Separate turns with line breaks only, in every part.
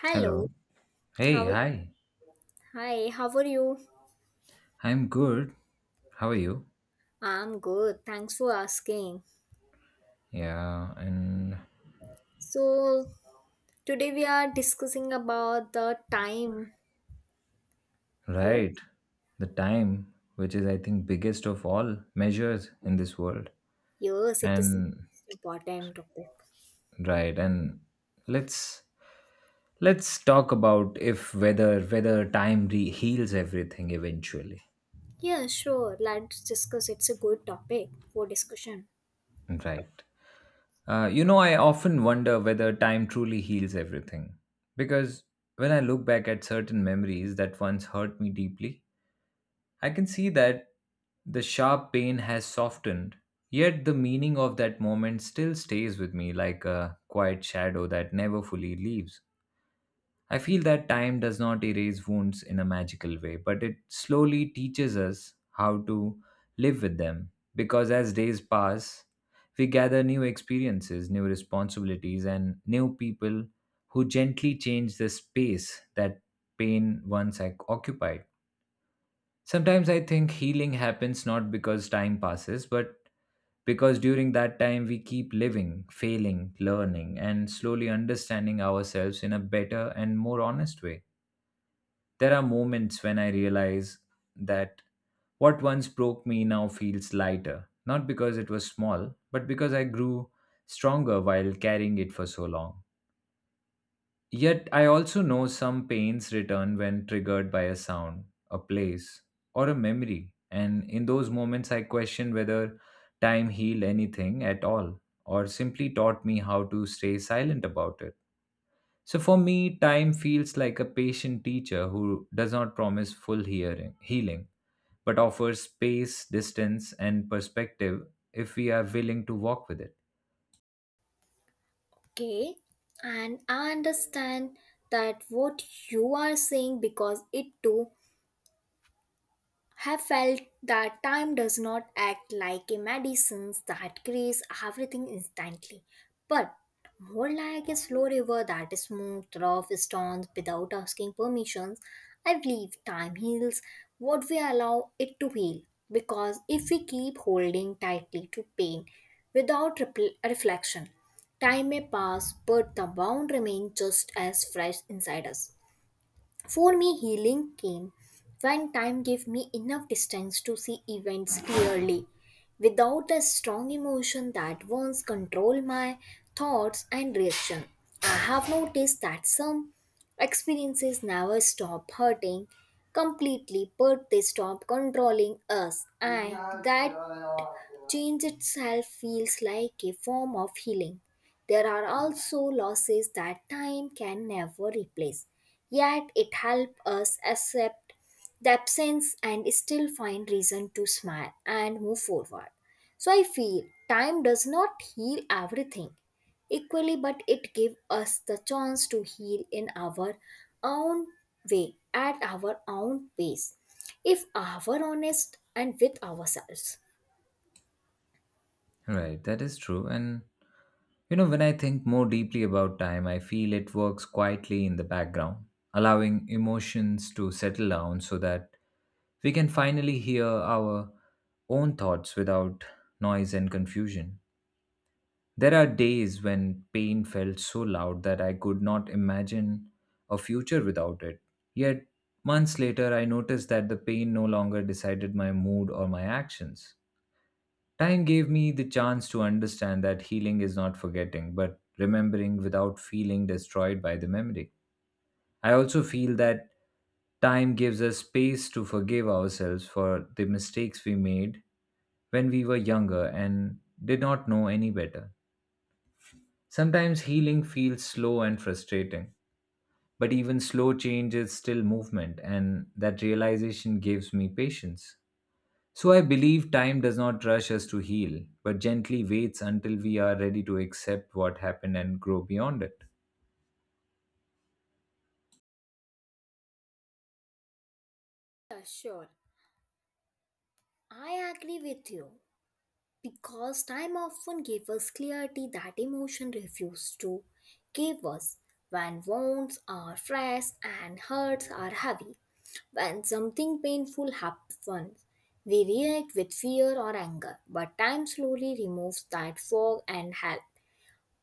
Hello.
Hello. Hey,
How
hi.
Hi, how are you?
I'm good. How are you?
I'm good. Thanks for asking.
Yeah, and
So today we are discussing about the time.
right.
Yes,
The time, which is I think biggest of all measures in this world.
yes, it is
And
important topic.
right, and let's let's talk about if whether heals everything eventually.
Yeah, sure. Let's discuss. It's a good topic for discussion.
Right. I often wonder whether time truly heals everything because when I look back at certain memories that once hurt me deeply, I can see that the sharp pain has softened, yet the meaning of that moment still stays with me like a quiet shadow that never fully leaves. I feel that time does not erase wounds in a magical way, but it slowly teaches us how to live with them. Because as days pass, we gather new experiences, new responsibilities, and new people who gently change the space that pain once occupied. Sometimes I think healing happens not because time passes, but because during that time we keep living, failing, learning, and slowly understanding ourselves in a better and more honest way. There are moments when I realize that what once broke me now feels lighter, not because it was small, but because I grew stronger while carrying it for so long. Yet I also know some pains return when triggered by a sound, a place, or a memory, and in those moments I question whether time healed anything at all, or simply taught me how to stay silent about it. So for me, time feels like a patient teacher who does not promise full hearing, healing, but offers space, distance, and perspective if we are willing to walk with it.
Okay. And I understand that what you are saying because it too have felt that time does not act like a medicine that creates everything instantly, but more like a slow river that is smoothed rough stones without asking permissions. I believe time heals what we allow it to heal, because if we keep holding tightly to pain without reflection, time may pass, but the wound remains just as fresh inside us. For me, healing came when time gave me enough distance to see events clearly, without the strong emotion that once controlled my thoughts and reaction. I have noticed that some experiences never stop hurting completely, but they stop controlling us, and that change itself feels like a form of healing. There are also losses that time can never replace. Yet it helps us accept the absence and still find reason to smile and move forward. So I feel time does not heal everything equally, but it gives us the chance to heal in our own way, at our own pace, if our honest and with ourselves.
Right, that is true. And you know, when I think more deeply about time, I feel it works quietly in the background, allowing emotions to settle down so that we can finally hear our own thoughts without noise and confusion. There are days when pain felt so loud that I could not imagine a future without it. Yet, months later, I noticed that the pain no longer decided my mood or my actions. Time gave me the chance to understand that healing is not forgetting, but remembering without feeling destroyed by the memory. I also feel that time gives us space to forgive ourselves for the mistakes we made when we were younger and did not know any better. Sometimes healing feels slow and frustrating, but even slow change is still movement, and that realization gives me patience. So I believe time does not rush us to heal, but gently waits until we are ready to accept what happened and grow beyond it.
Yeah, sure. I agree with you because time often gave us clarity that emotion refused to give us. When wounds are fresh and hurts are heavy, when something painful happens, we react with fear or anger, but time slowly removes that fog and help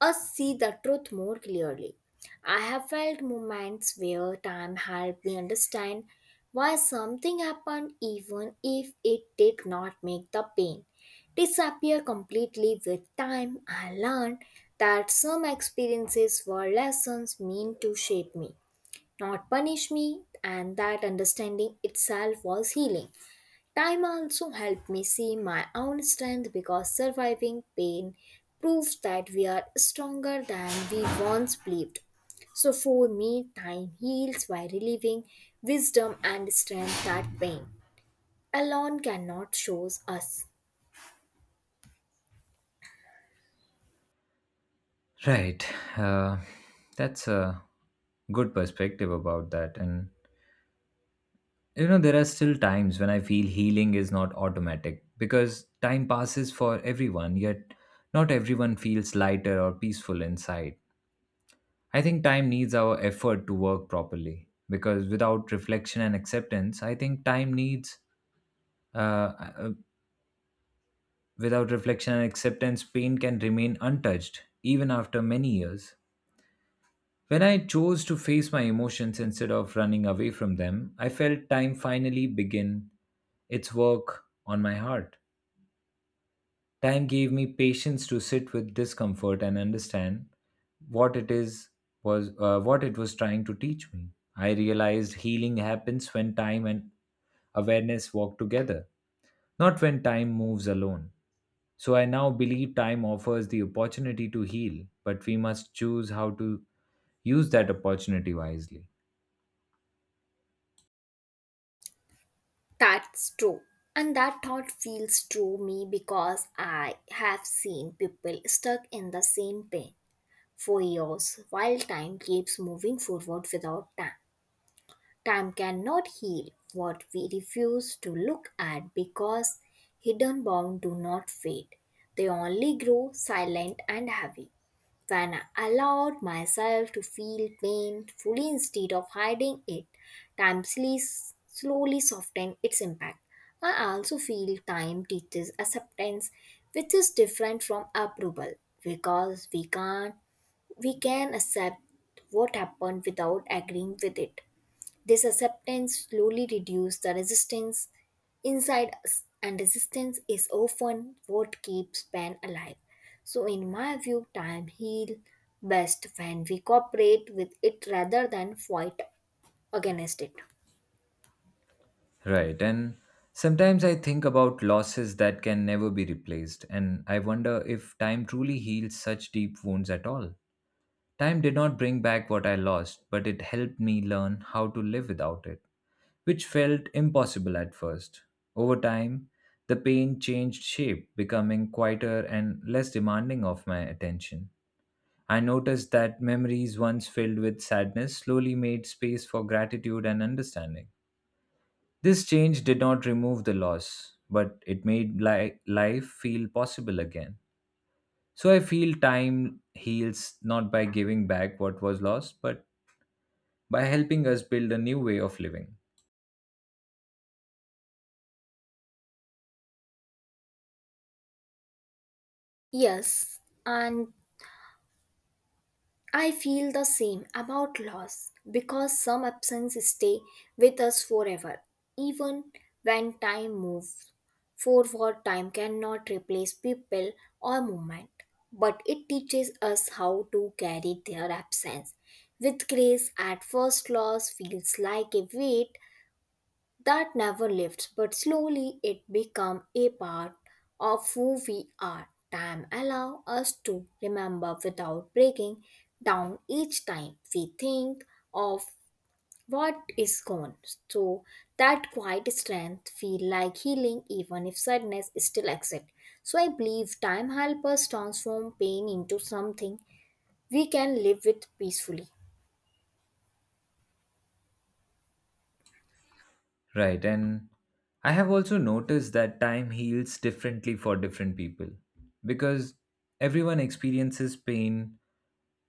us see the truth more clearly. I have felt moments where time helped me understand why something happened, even if it did not make the pain disappear completely with time. I learned that some experiences were lessons meant to shape me, not punish me, and that understanding itself was healing. Time also helped me see my own strength because surviving pain proves that we are stronger than we once believed. So, for me, time heals by relieving wisdom and strength that pain alone cannot show us.
Right. Uh, that's a good perspective about that. And, you know, there are still times when I feel healing is not automatic because time passes for everyone, yet not everyone feels lighter or peaceful inside. I think time needs our effort to work properly because without reflection and acceptance, I think time needs. Uh, Without reflection and acceptance, pain can remain untouched even after many years. When I chose to face my emotions instead of running away from them, I felt time finally begin its work on my heart. Time gave me patience to sit with discomfort and understand what it is what it was trying to teach me. I realized healing happens when time and awareness walk together, not when time moves alone. So I now believe time offers the opportunity to heal, but we must choose how to use that opportunity wisely.
That's true. And that thought feels true me because I have seen people stuck in the same pain for years while time keeps moving forward without time. Time cannot heal what we refuse to look at because hidden wounds do not fade. They only grow silent and heavy. When I allowed myself to feel pain fully instead of hiding it, time slowly softened its impact. I also feel time teaches acceptance, which is different from approval, because we can't we can accept what happened without agreeing with it. This acceptance slowly reduces the resistance inside us, and resistance is often what keeps pain alive. So, in my view, time heals best when we cooperate with it rather than fight against it.
Right. And sometimes I think about losses that can never be replaced, and I wonder if time truly heals such deep wounds at all. Time did not bring back what I lost, but it helped me learn how to live without it, which felt impossible at first. Over time, the pain changed shape, becoming quieter and less demanding of my attention. I noticed that memories once filled with sadness slowly made space for gratitude and understanding. This change did not remove the loss, but it made life feel possible again. So I feel time heals not by giving back what was lost, but by helping us build a new way of living.
Yes, and I feel the same about loss because some absences stay with us forever, even when time moves. Forward time cannot replace people or movement, but it teaches us how to carry their absence. With grace, at first loss feels like a weight that never lifts, but slowly it becomes a part of who we are. Time allows us to remember without breaking down each time we think of what is gone. So that quiet strength feel like healing even if sadness still exists. So I believe time helps us transform pain into something we can live with peacefully.
Right, and I have also noticed that time heals differently for different people because everyone experiences pain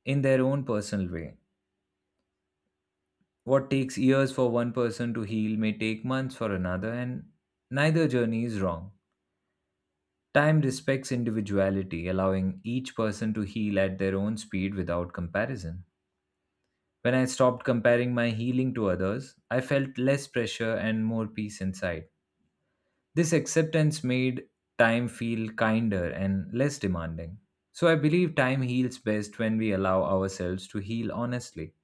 in their own personal way. What takes years for one person to heal may take months for another, and neither journey is wrong. Time respects individuality, allowing each person to heal at their own speed without comparison. When I stopped comparing my healing to others, I felt less pressure and more peace inside. This acceptance made time feel kinder and less demanding. So I believe time heals best when we allow ourselves to heal honestly,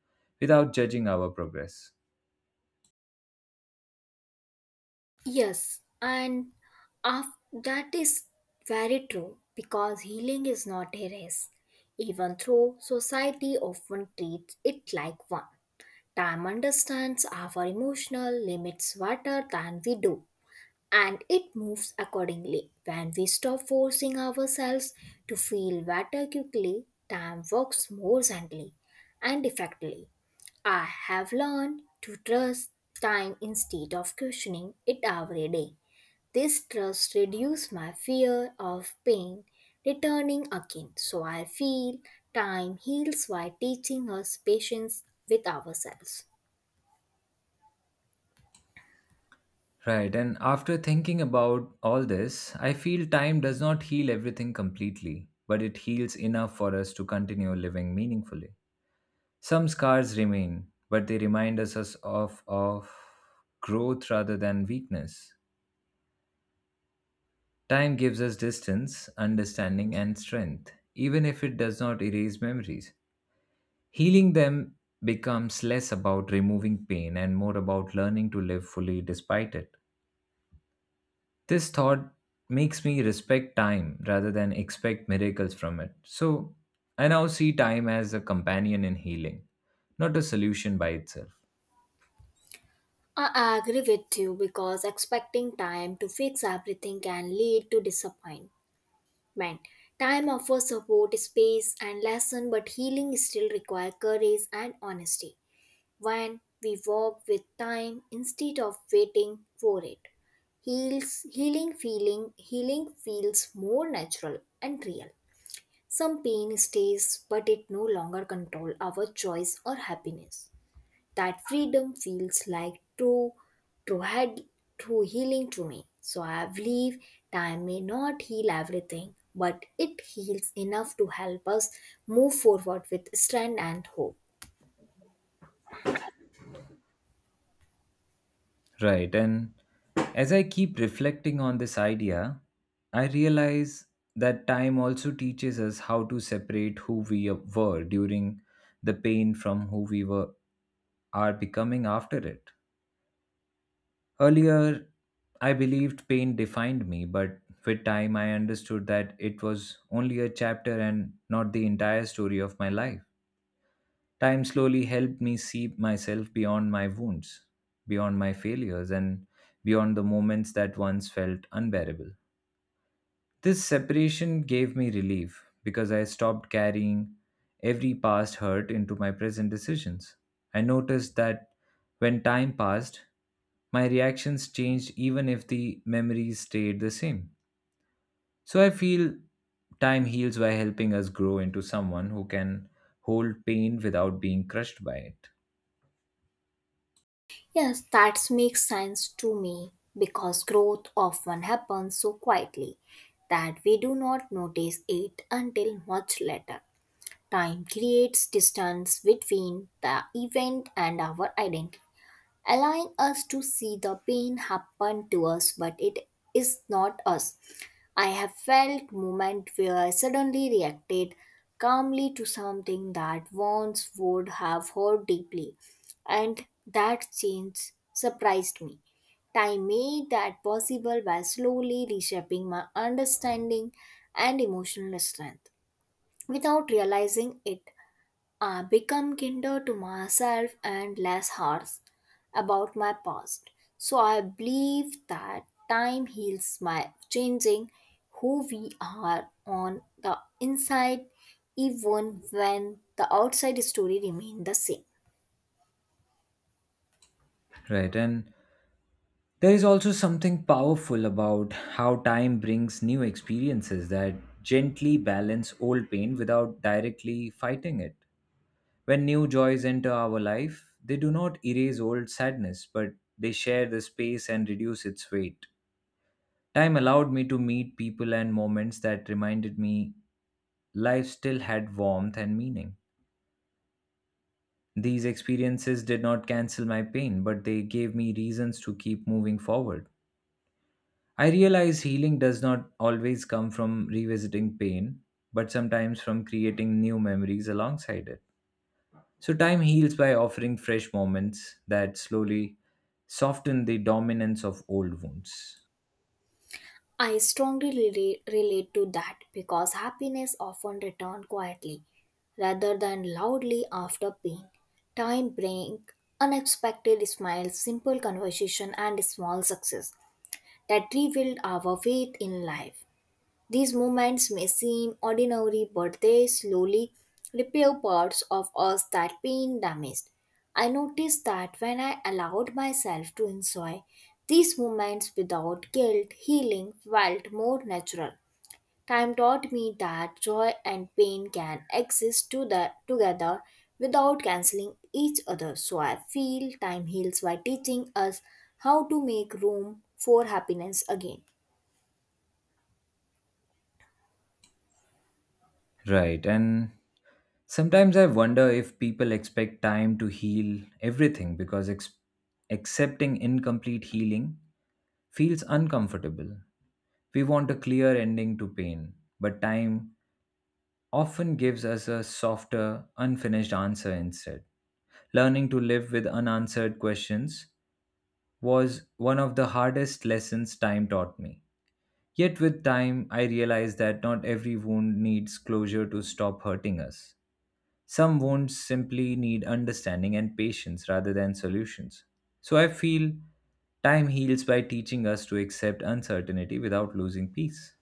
without judging our progress.
Yes, and that is very true because healing is not a race, even though society often treats it like one. Time understands our emotional limits better than we do and it moves accordingly. When we stop forcing ourselves to feel better quickly, time works more gently and effectively. I have learned to trust time instead of questioning it every day. This trust reduces my fear of pain returning again. So I feel time heals by teaching us patience with ourselves.
Right, and after thinking about all this, I feel time does not heal everything completely, but it heals enough for us to continue living meaningfully. Some scars remain, but they remind us of growth rather than weakness. Time gives us distance, understanding, and strength, even if it does not erase memories. Healing them becomes less about removing pain and more about learning to live fully despite it. This thought makes me respect time rather than expect miracles from it. So I now see time as a companion in healing, not a solution by itself.
I agree with you because expecting time to fix everything can lead to disappointment. Time offers support, space, and lesson, but healing still requires courage and honesty. When we walk with time instead of waiting for it, heals healing feeling healing feels more natural and real. Some pain stays, but it no longer control our choice or happiness. That freedom feels like true, head, true healing to me. So I believe time may not heal everything, but it heals enough to help us move forward with strength and hope.
Right, and as I keep reflecting on this idea, I realize that time also teaches us how to separate who we were during the pain from who we were are becoming after it. Earlier, I believed pain defined me, but with time, I understood that it was only a chapter and not the entire story of my life. Time slowly helped me see myself beyond my wounds, beyond my failures, and beyond the moments that once felt unbearable. This separation gave me relief because I stopped carrying every past hurt into my present decisions. I noticed that when time passed, my reactions changed even if the memories stayed the same. So I feel time heals by helping us grow into someone who can hold pain without being crushed by it.
Yes, that makes sense to me because growth often happens so quietly that we do not notice it until much later. Time creates distance between the event and our identity, allowing us to see the pain happen to us, but it is not us. I have felt moment where I suddenly reacted calmly to something that once would have hurt deeply, and that change surprised me. Time made that possible by slowly reshaping my understanding and emotional strength. Without realizing it, I become kinder to myself and less harsh about my past. So I believe that time heals my changing who we are on the inside even when the outside story remains the same.
Right, and there is also something powerful about how time brings new experiences that gently balance old pain without directly fighting it. When new joys enter our life, they do not erase old sadness, but they share the space and reduce its weight. Time allowed me to meet people and moments that reminded me life still had warmth and meaning. These experiences did not cancel my pain, but they gave me reasons to keep moving forward. I realize healing does not always come from revisiting pain, but sometimes from creating new memories alongside it. So, time heals by offering fresh moments that slowly soften the dominance of old wounds.
I strongly relate to that because happiness often returns quietly rather than loudly after pain. Time brings unexpected smiles, simple conversation, and small success that revealed our faith in life. These moments may seem ordinary, but they slowly repair parts of us that been damaged. I noticed that when I allowed myself to enjoy these moments without guilt, healing felt more natural. Time taught me that joy and pain can exist together without canceling each other. So I feel time heals by teaching us how to make room for happiness again.
Right, and sometimes I wonder if people expect time to heal everything because accepting incomplete healing feels uncomfortable. We want a clear ending to pain, but time often gives us a softer, unfinished answer instead. Learning to live with unanswered questions was one of the hardest lessons time taught me. Yet, with time, I realized that not every wound needs closure to stop hurting us. Some wounds simply need understanding and patience rather than solutions. So, I feel time heals by teaching us to accept uncertainty without losing peace.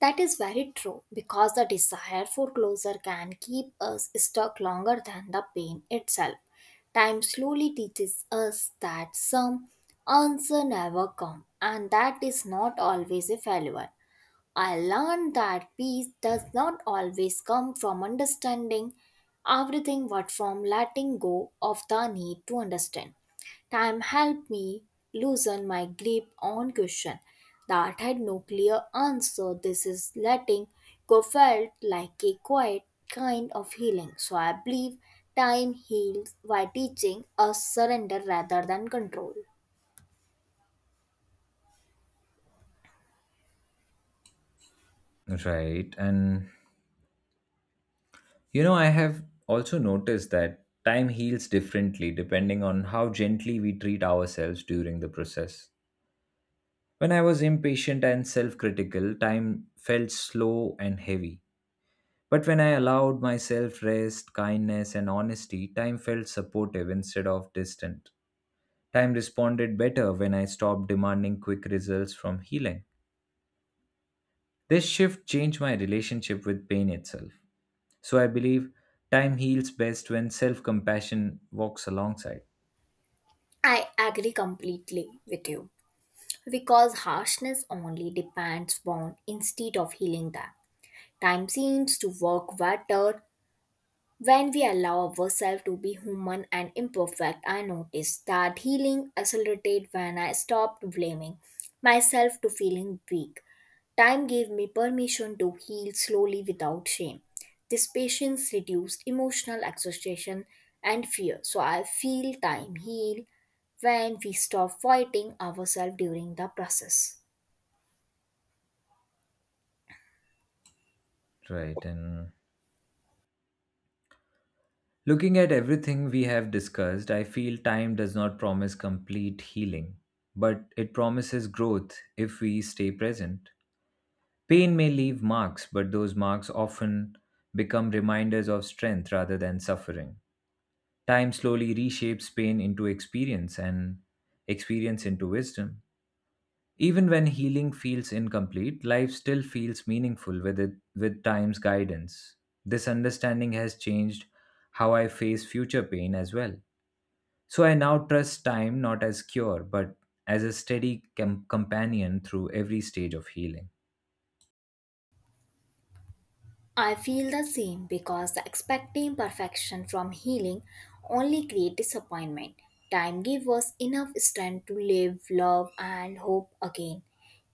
That is very true because the desire for closure can keep us stuck longer than the pain itself. Time slowly teaches us that some answer never come and that is not always a failure. I learned that peace does not always come from understanding everything but from letting go of the need to understand. Time helped me loosen my grip on question that had no clear answer. This is letting go felt like a quiet kind of healing. So I believe time heals by teaching us surrender rather than control.
Right, and you know, I have also noticed that time heals differently depending on how gently we treat ourselves during the process. When I was impatient and self critical, time felt slow and heavy. But when I allowed myself rest, kindness, and honesty, time felt supportive instead of distant. Time responded better when I stopped demanding quick results from healing. This shift changed my relationship with pain itself. So I believe time heals best when self compassion walks alongside.
I agree completely with you, because harshness only depends on instead of healing them. Time seems to work better when we allow ourselves to be human and imperfect. I noticed that healing accelerated when I stopped blaming myself to feeling weak. Time gave me permission to heal slowly without shame. This patience reduced emotional exhaustion and fear. So I feel time heal when we stop fighting ourselves during the process.
Right. And looking at everything we have discussed, I feel time does not promise complete healing, but it promises growth if we stay present. Pain may leave marks, but those marks often become reminders of strength rather than suffering. Time slowly reshapes pain into experience and experience into wisdom. Even when healing feels incomplete, life still feels meaningful with time's guidance. This understanding has changed how I face future pain as well. So I now trust time not as cure, but as a steady companion through every stage of healing.
I feel the same because the expecting perfection from healing only creates disappointment. Time gives us enough strength to live, love, and hope again,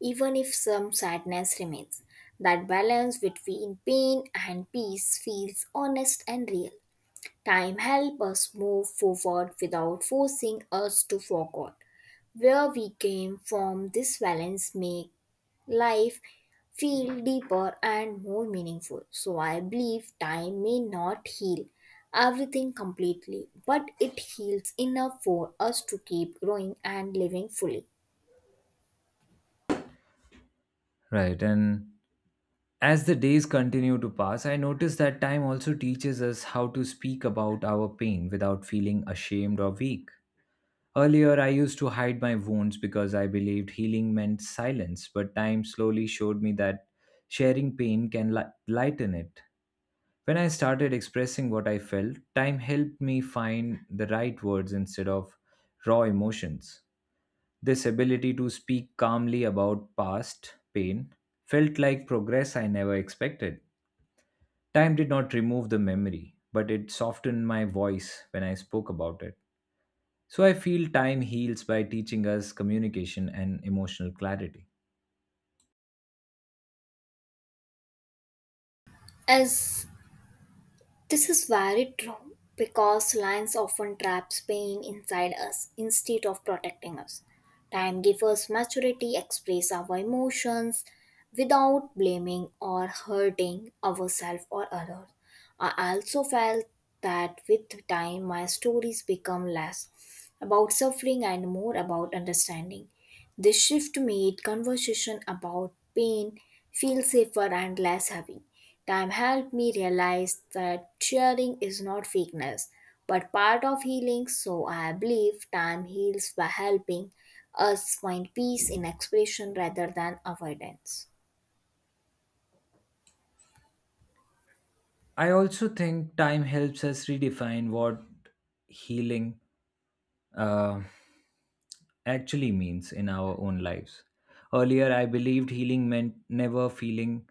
even if some sadness remains. That balance between pain and peace feels honest and real. Time helps us move forward without forcing us to forget where we came from. This balance makes life feel deeper and more meaningful. So I believe time may not heal everything completely, but it heals enough for us to keep growing and living fully.
Right. And as the days continue to pass, I notice that time also teaches us how to speak about our pain without feeling ashamed or weak. Earlier, I used to hide my wounds because I believed healing meant silence, but time slowly showed me that sharing pain can lighten it. When I started expressing what I felt, time helped me find the right words instead of raw emotions. This ability to speak calmly about past pain felt like progress I never expected. Time did not remove the memory, but it softened my voice when I spoke about it. So I feel time heals by teaching us communication and emotional clarity.
As This is very true because lines often traps pain inside us instead of protecting us. Time gives us maturity, express our emotions without blaming or hurting ourselves or others. I also felt that with time my stories become less about suffering and more about understanding. This shift made conversation about pain feel safer and less heavy. Time helped me realize that sharing is not weakness, but part of healing, so I believe time heals by helping us find peace in expression rather than avoidance.
I also think time helps us redefine what healing uh, actually means in our own lives. Earlier, I believed healing meant never feeling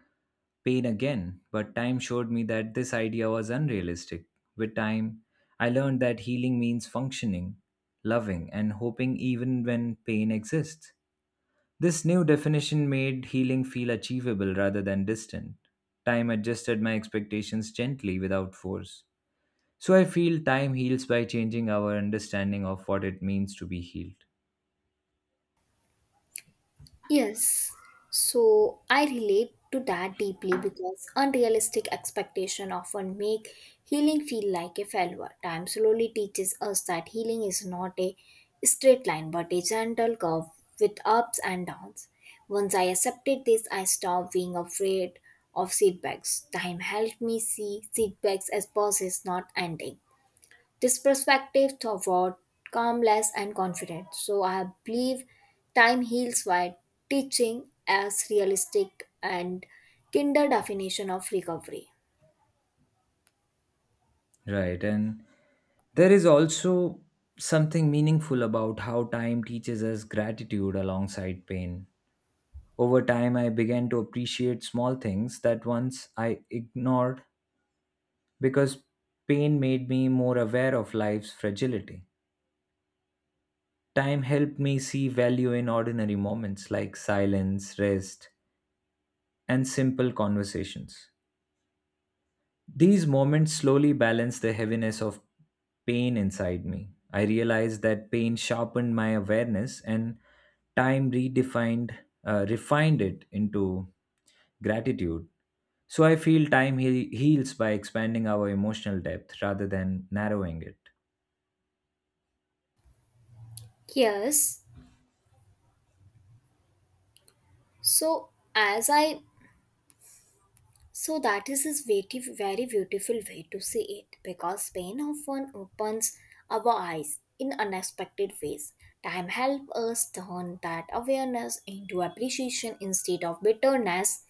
pain again, but time showed me that this idea was unrealistic. With time, I learned that healing means functioning, loving, and hoping even when pain exists. This new definition made healing feel achievable rather than distant. Time adjusted my expectations gently without force. So I feel time heals by changing our understanding of what it means to be healed.
Yes, so I relate to that deeply because unrealistic expectation often make healing feel like a failure. Time slowly teaches us that healing is not a straight line but a gentle curve with ups and downs. Once I accepted this, I stopped being afraid of setbacks. Time helped me see setbacks as pauses, not ending. This perspective toward calmness and confidence. So I believe time heals while teaching as realistic and kinder definition of recovery.
Right, and there is also something meaningful about how time teaches us gratitude alongside pain. Over time, I began to appreciate small things that once I ignored because pain made me more aware of life's fragility. Time helped me see value in ordinary moments like silence, rest, and simple conversations. These moments slowly balanced the heaviness of pain inside me. I realized that pain sharpened my awareness and time refined it into gratitude. So I feel time heals by expanding our emotional depth rather than narrowing it.
Yes. So as I so that is his very, very beautiful way to see it because pain often opens our eyes in unexpected ways. Time helps us turn that awareness into appreciation instead of bitterness.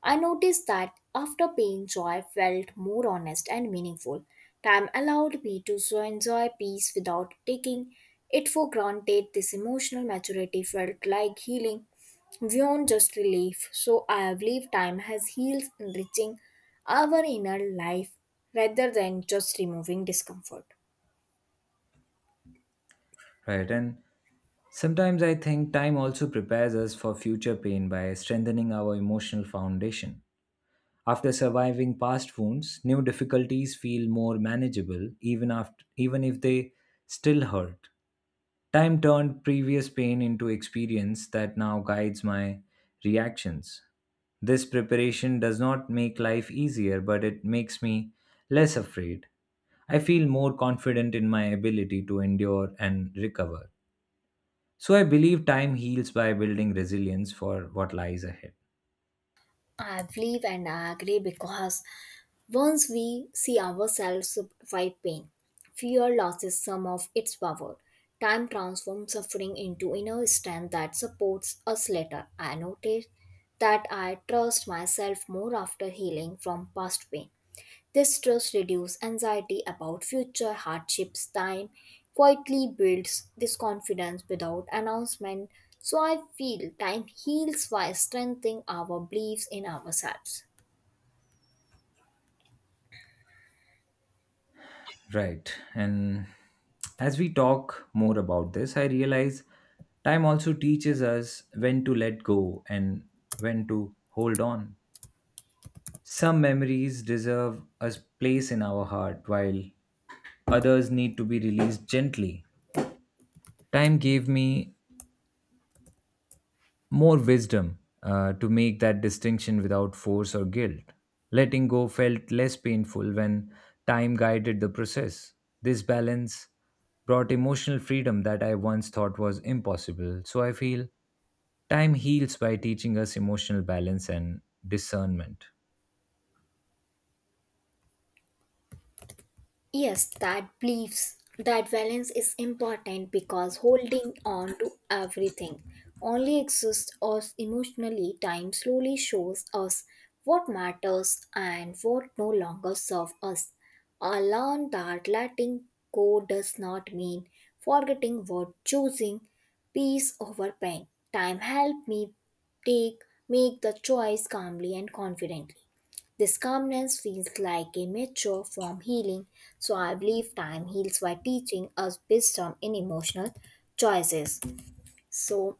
I noticed that after pain, joy felt more honest and meaningful. Time allowed me to so enjoy peace without taking it for granted. This emotional maturity felt like healing beyond just relief. So I believe time has healed, enriching our inner life rather than just removing discomfort.
Right. And sometimes I think time also prepares us for future pain by strengthening our emotional foundation. After surviving past wounds, new difficulties feel more manageable even if they still hurt. Time turned previous pain into experience that now guides my reactions. This preparation does not make life easier, but it makes me less afraid. I feel more confident in my ability to endure and recover. So I believe time heals by building resilience for what lies ahead.
I believe and I agree because once we see ourselves survive pain, fear loses some of its power. Time transforms suffering into inner strength that supports us later. I noticed that I trust myself more after healing from past pain. This trust reduces anxiety about future hardships. Time quietly builds this confidence without announcement. So I feel time heals by strengthening our beliefs in ourselves.
Right. And as we talk more about this, I realize time also teaches us when to let go and when to hold on. Some memories deserve a place in our heart, while others need to be released gently. Time gave me more wisdom to make that distinction without force or guilt. Letting go felt less painful when time guided the process. This balance brought emotional freedom that I once thought was impossible. So I feel time heals by teaching us emotional balance and discernment.
Yes, that beliefs, that balance is important because holding on to everything only exists us emotionally. Time slowly shows us what matters and what no longer serves us. I learned that letting go does not mean forgetting what choosing peace over pain. Time helped me take make the choice calmly and confidently. This calmness feels like a mature form healing, so I believe time heals by teaching us wisdom in emotional choices. So,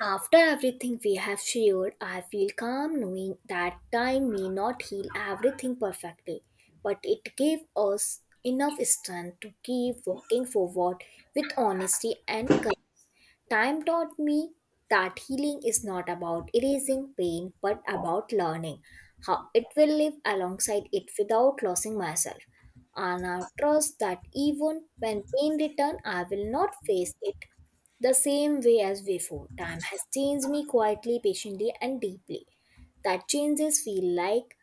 after everything we have shared, I feel calm knowing that time may not heal everything perfectly, but it gave us enough strength to keep walking forward with honesty and courage. Time taught me that healing is not about erasing pain but about learning how it will live alongside it without losing myself. And I trust that even when pain returns, I will not face it the same way as before. Time has changed me quietly, patiently, and deeply. That changes feel like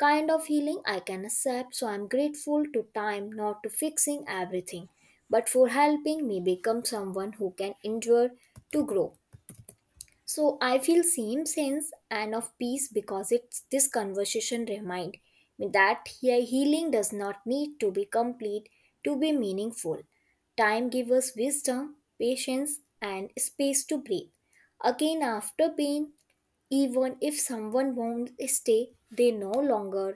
kind of healing I can accept, so I'm grateful to time not to fixing everything, but for helping me become someone who can endure to grow. So I feel same sense and of peace because it's this conversation remind me that healing does not need to be complete to be meaningful. Time gives us wisdom, patience, and space to breathe. Again, after pain, even if someone won't stay, they no longer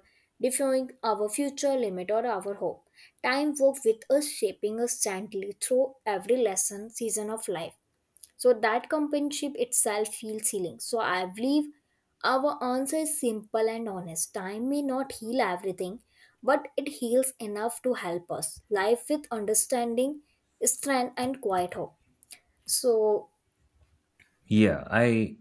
define our future limit or our hope. Time works with us, shaping us gently through every lesson season of life, so that companionship itself feels healing. So I believe our answer is simple and honest. Time may not heal everything, but it heals enough to help us life with understanding, strength, and quiet hope. So.
Yeah, I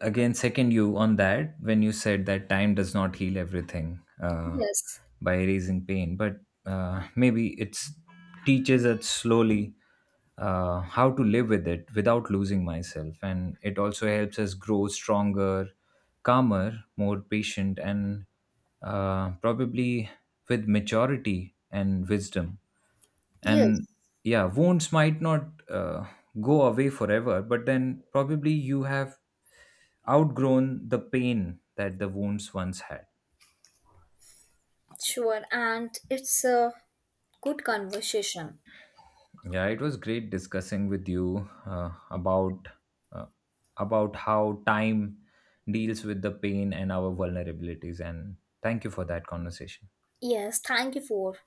again second you on that when you said that time does not heal everything
Yes.
by erasing pain, but maybe it teaches us slowly how to live with it without losing myself, and it also helps us grow stronger, calmer, more patient, and probably with maturity and wisdom.
Yes.
And yeah, wounds might not go away forever, but then probably you have outgrown the pain that the wounds once had.
Sure, and it's a good conversation.
Yeah, it was great discussing with you uh, about how time deals with the pain and our vulnerabilities, and thank you for that conversation.
Yes, thank you for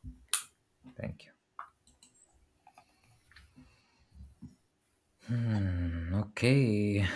Thank you. Hmm, okay.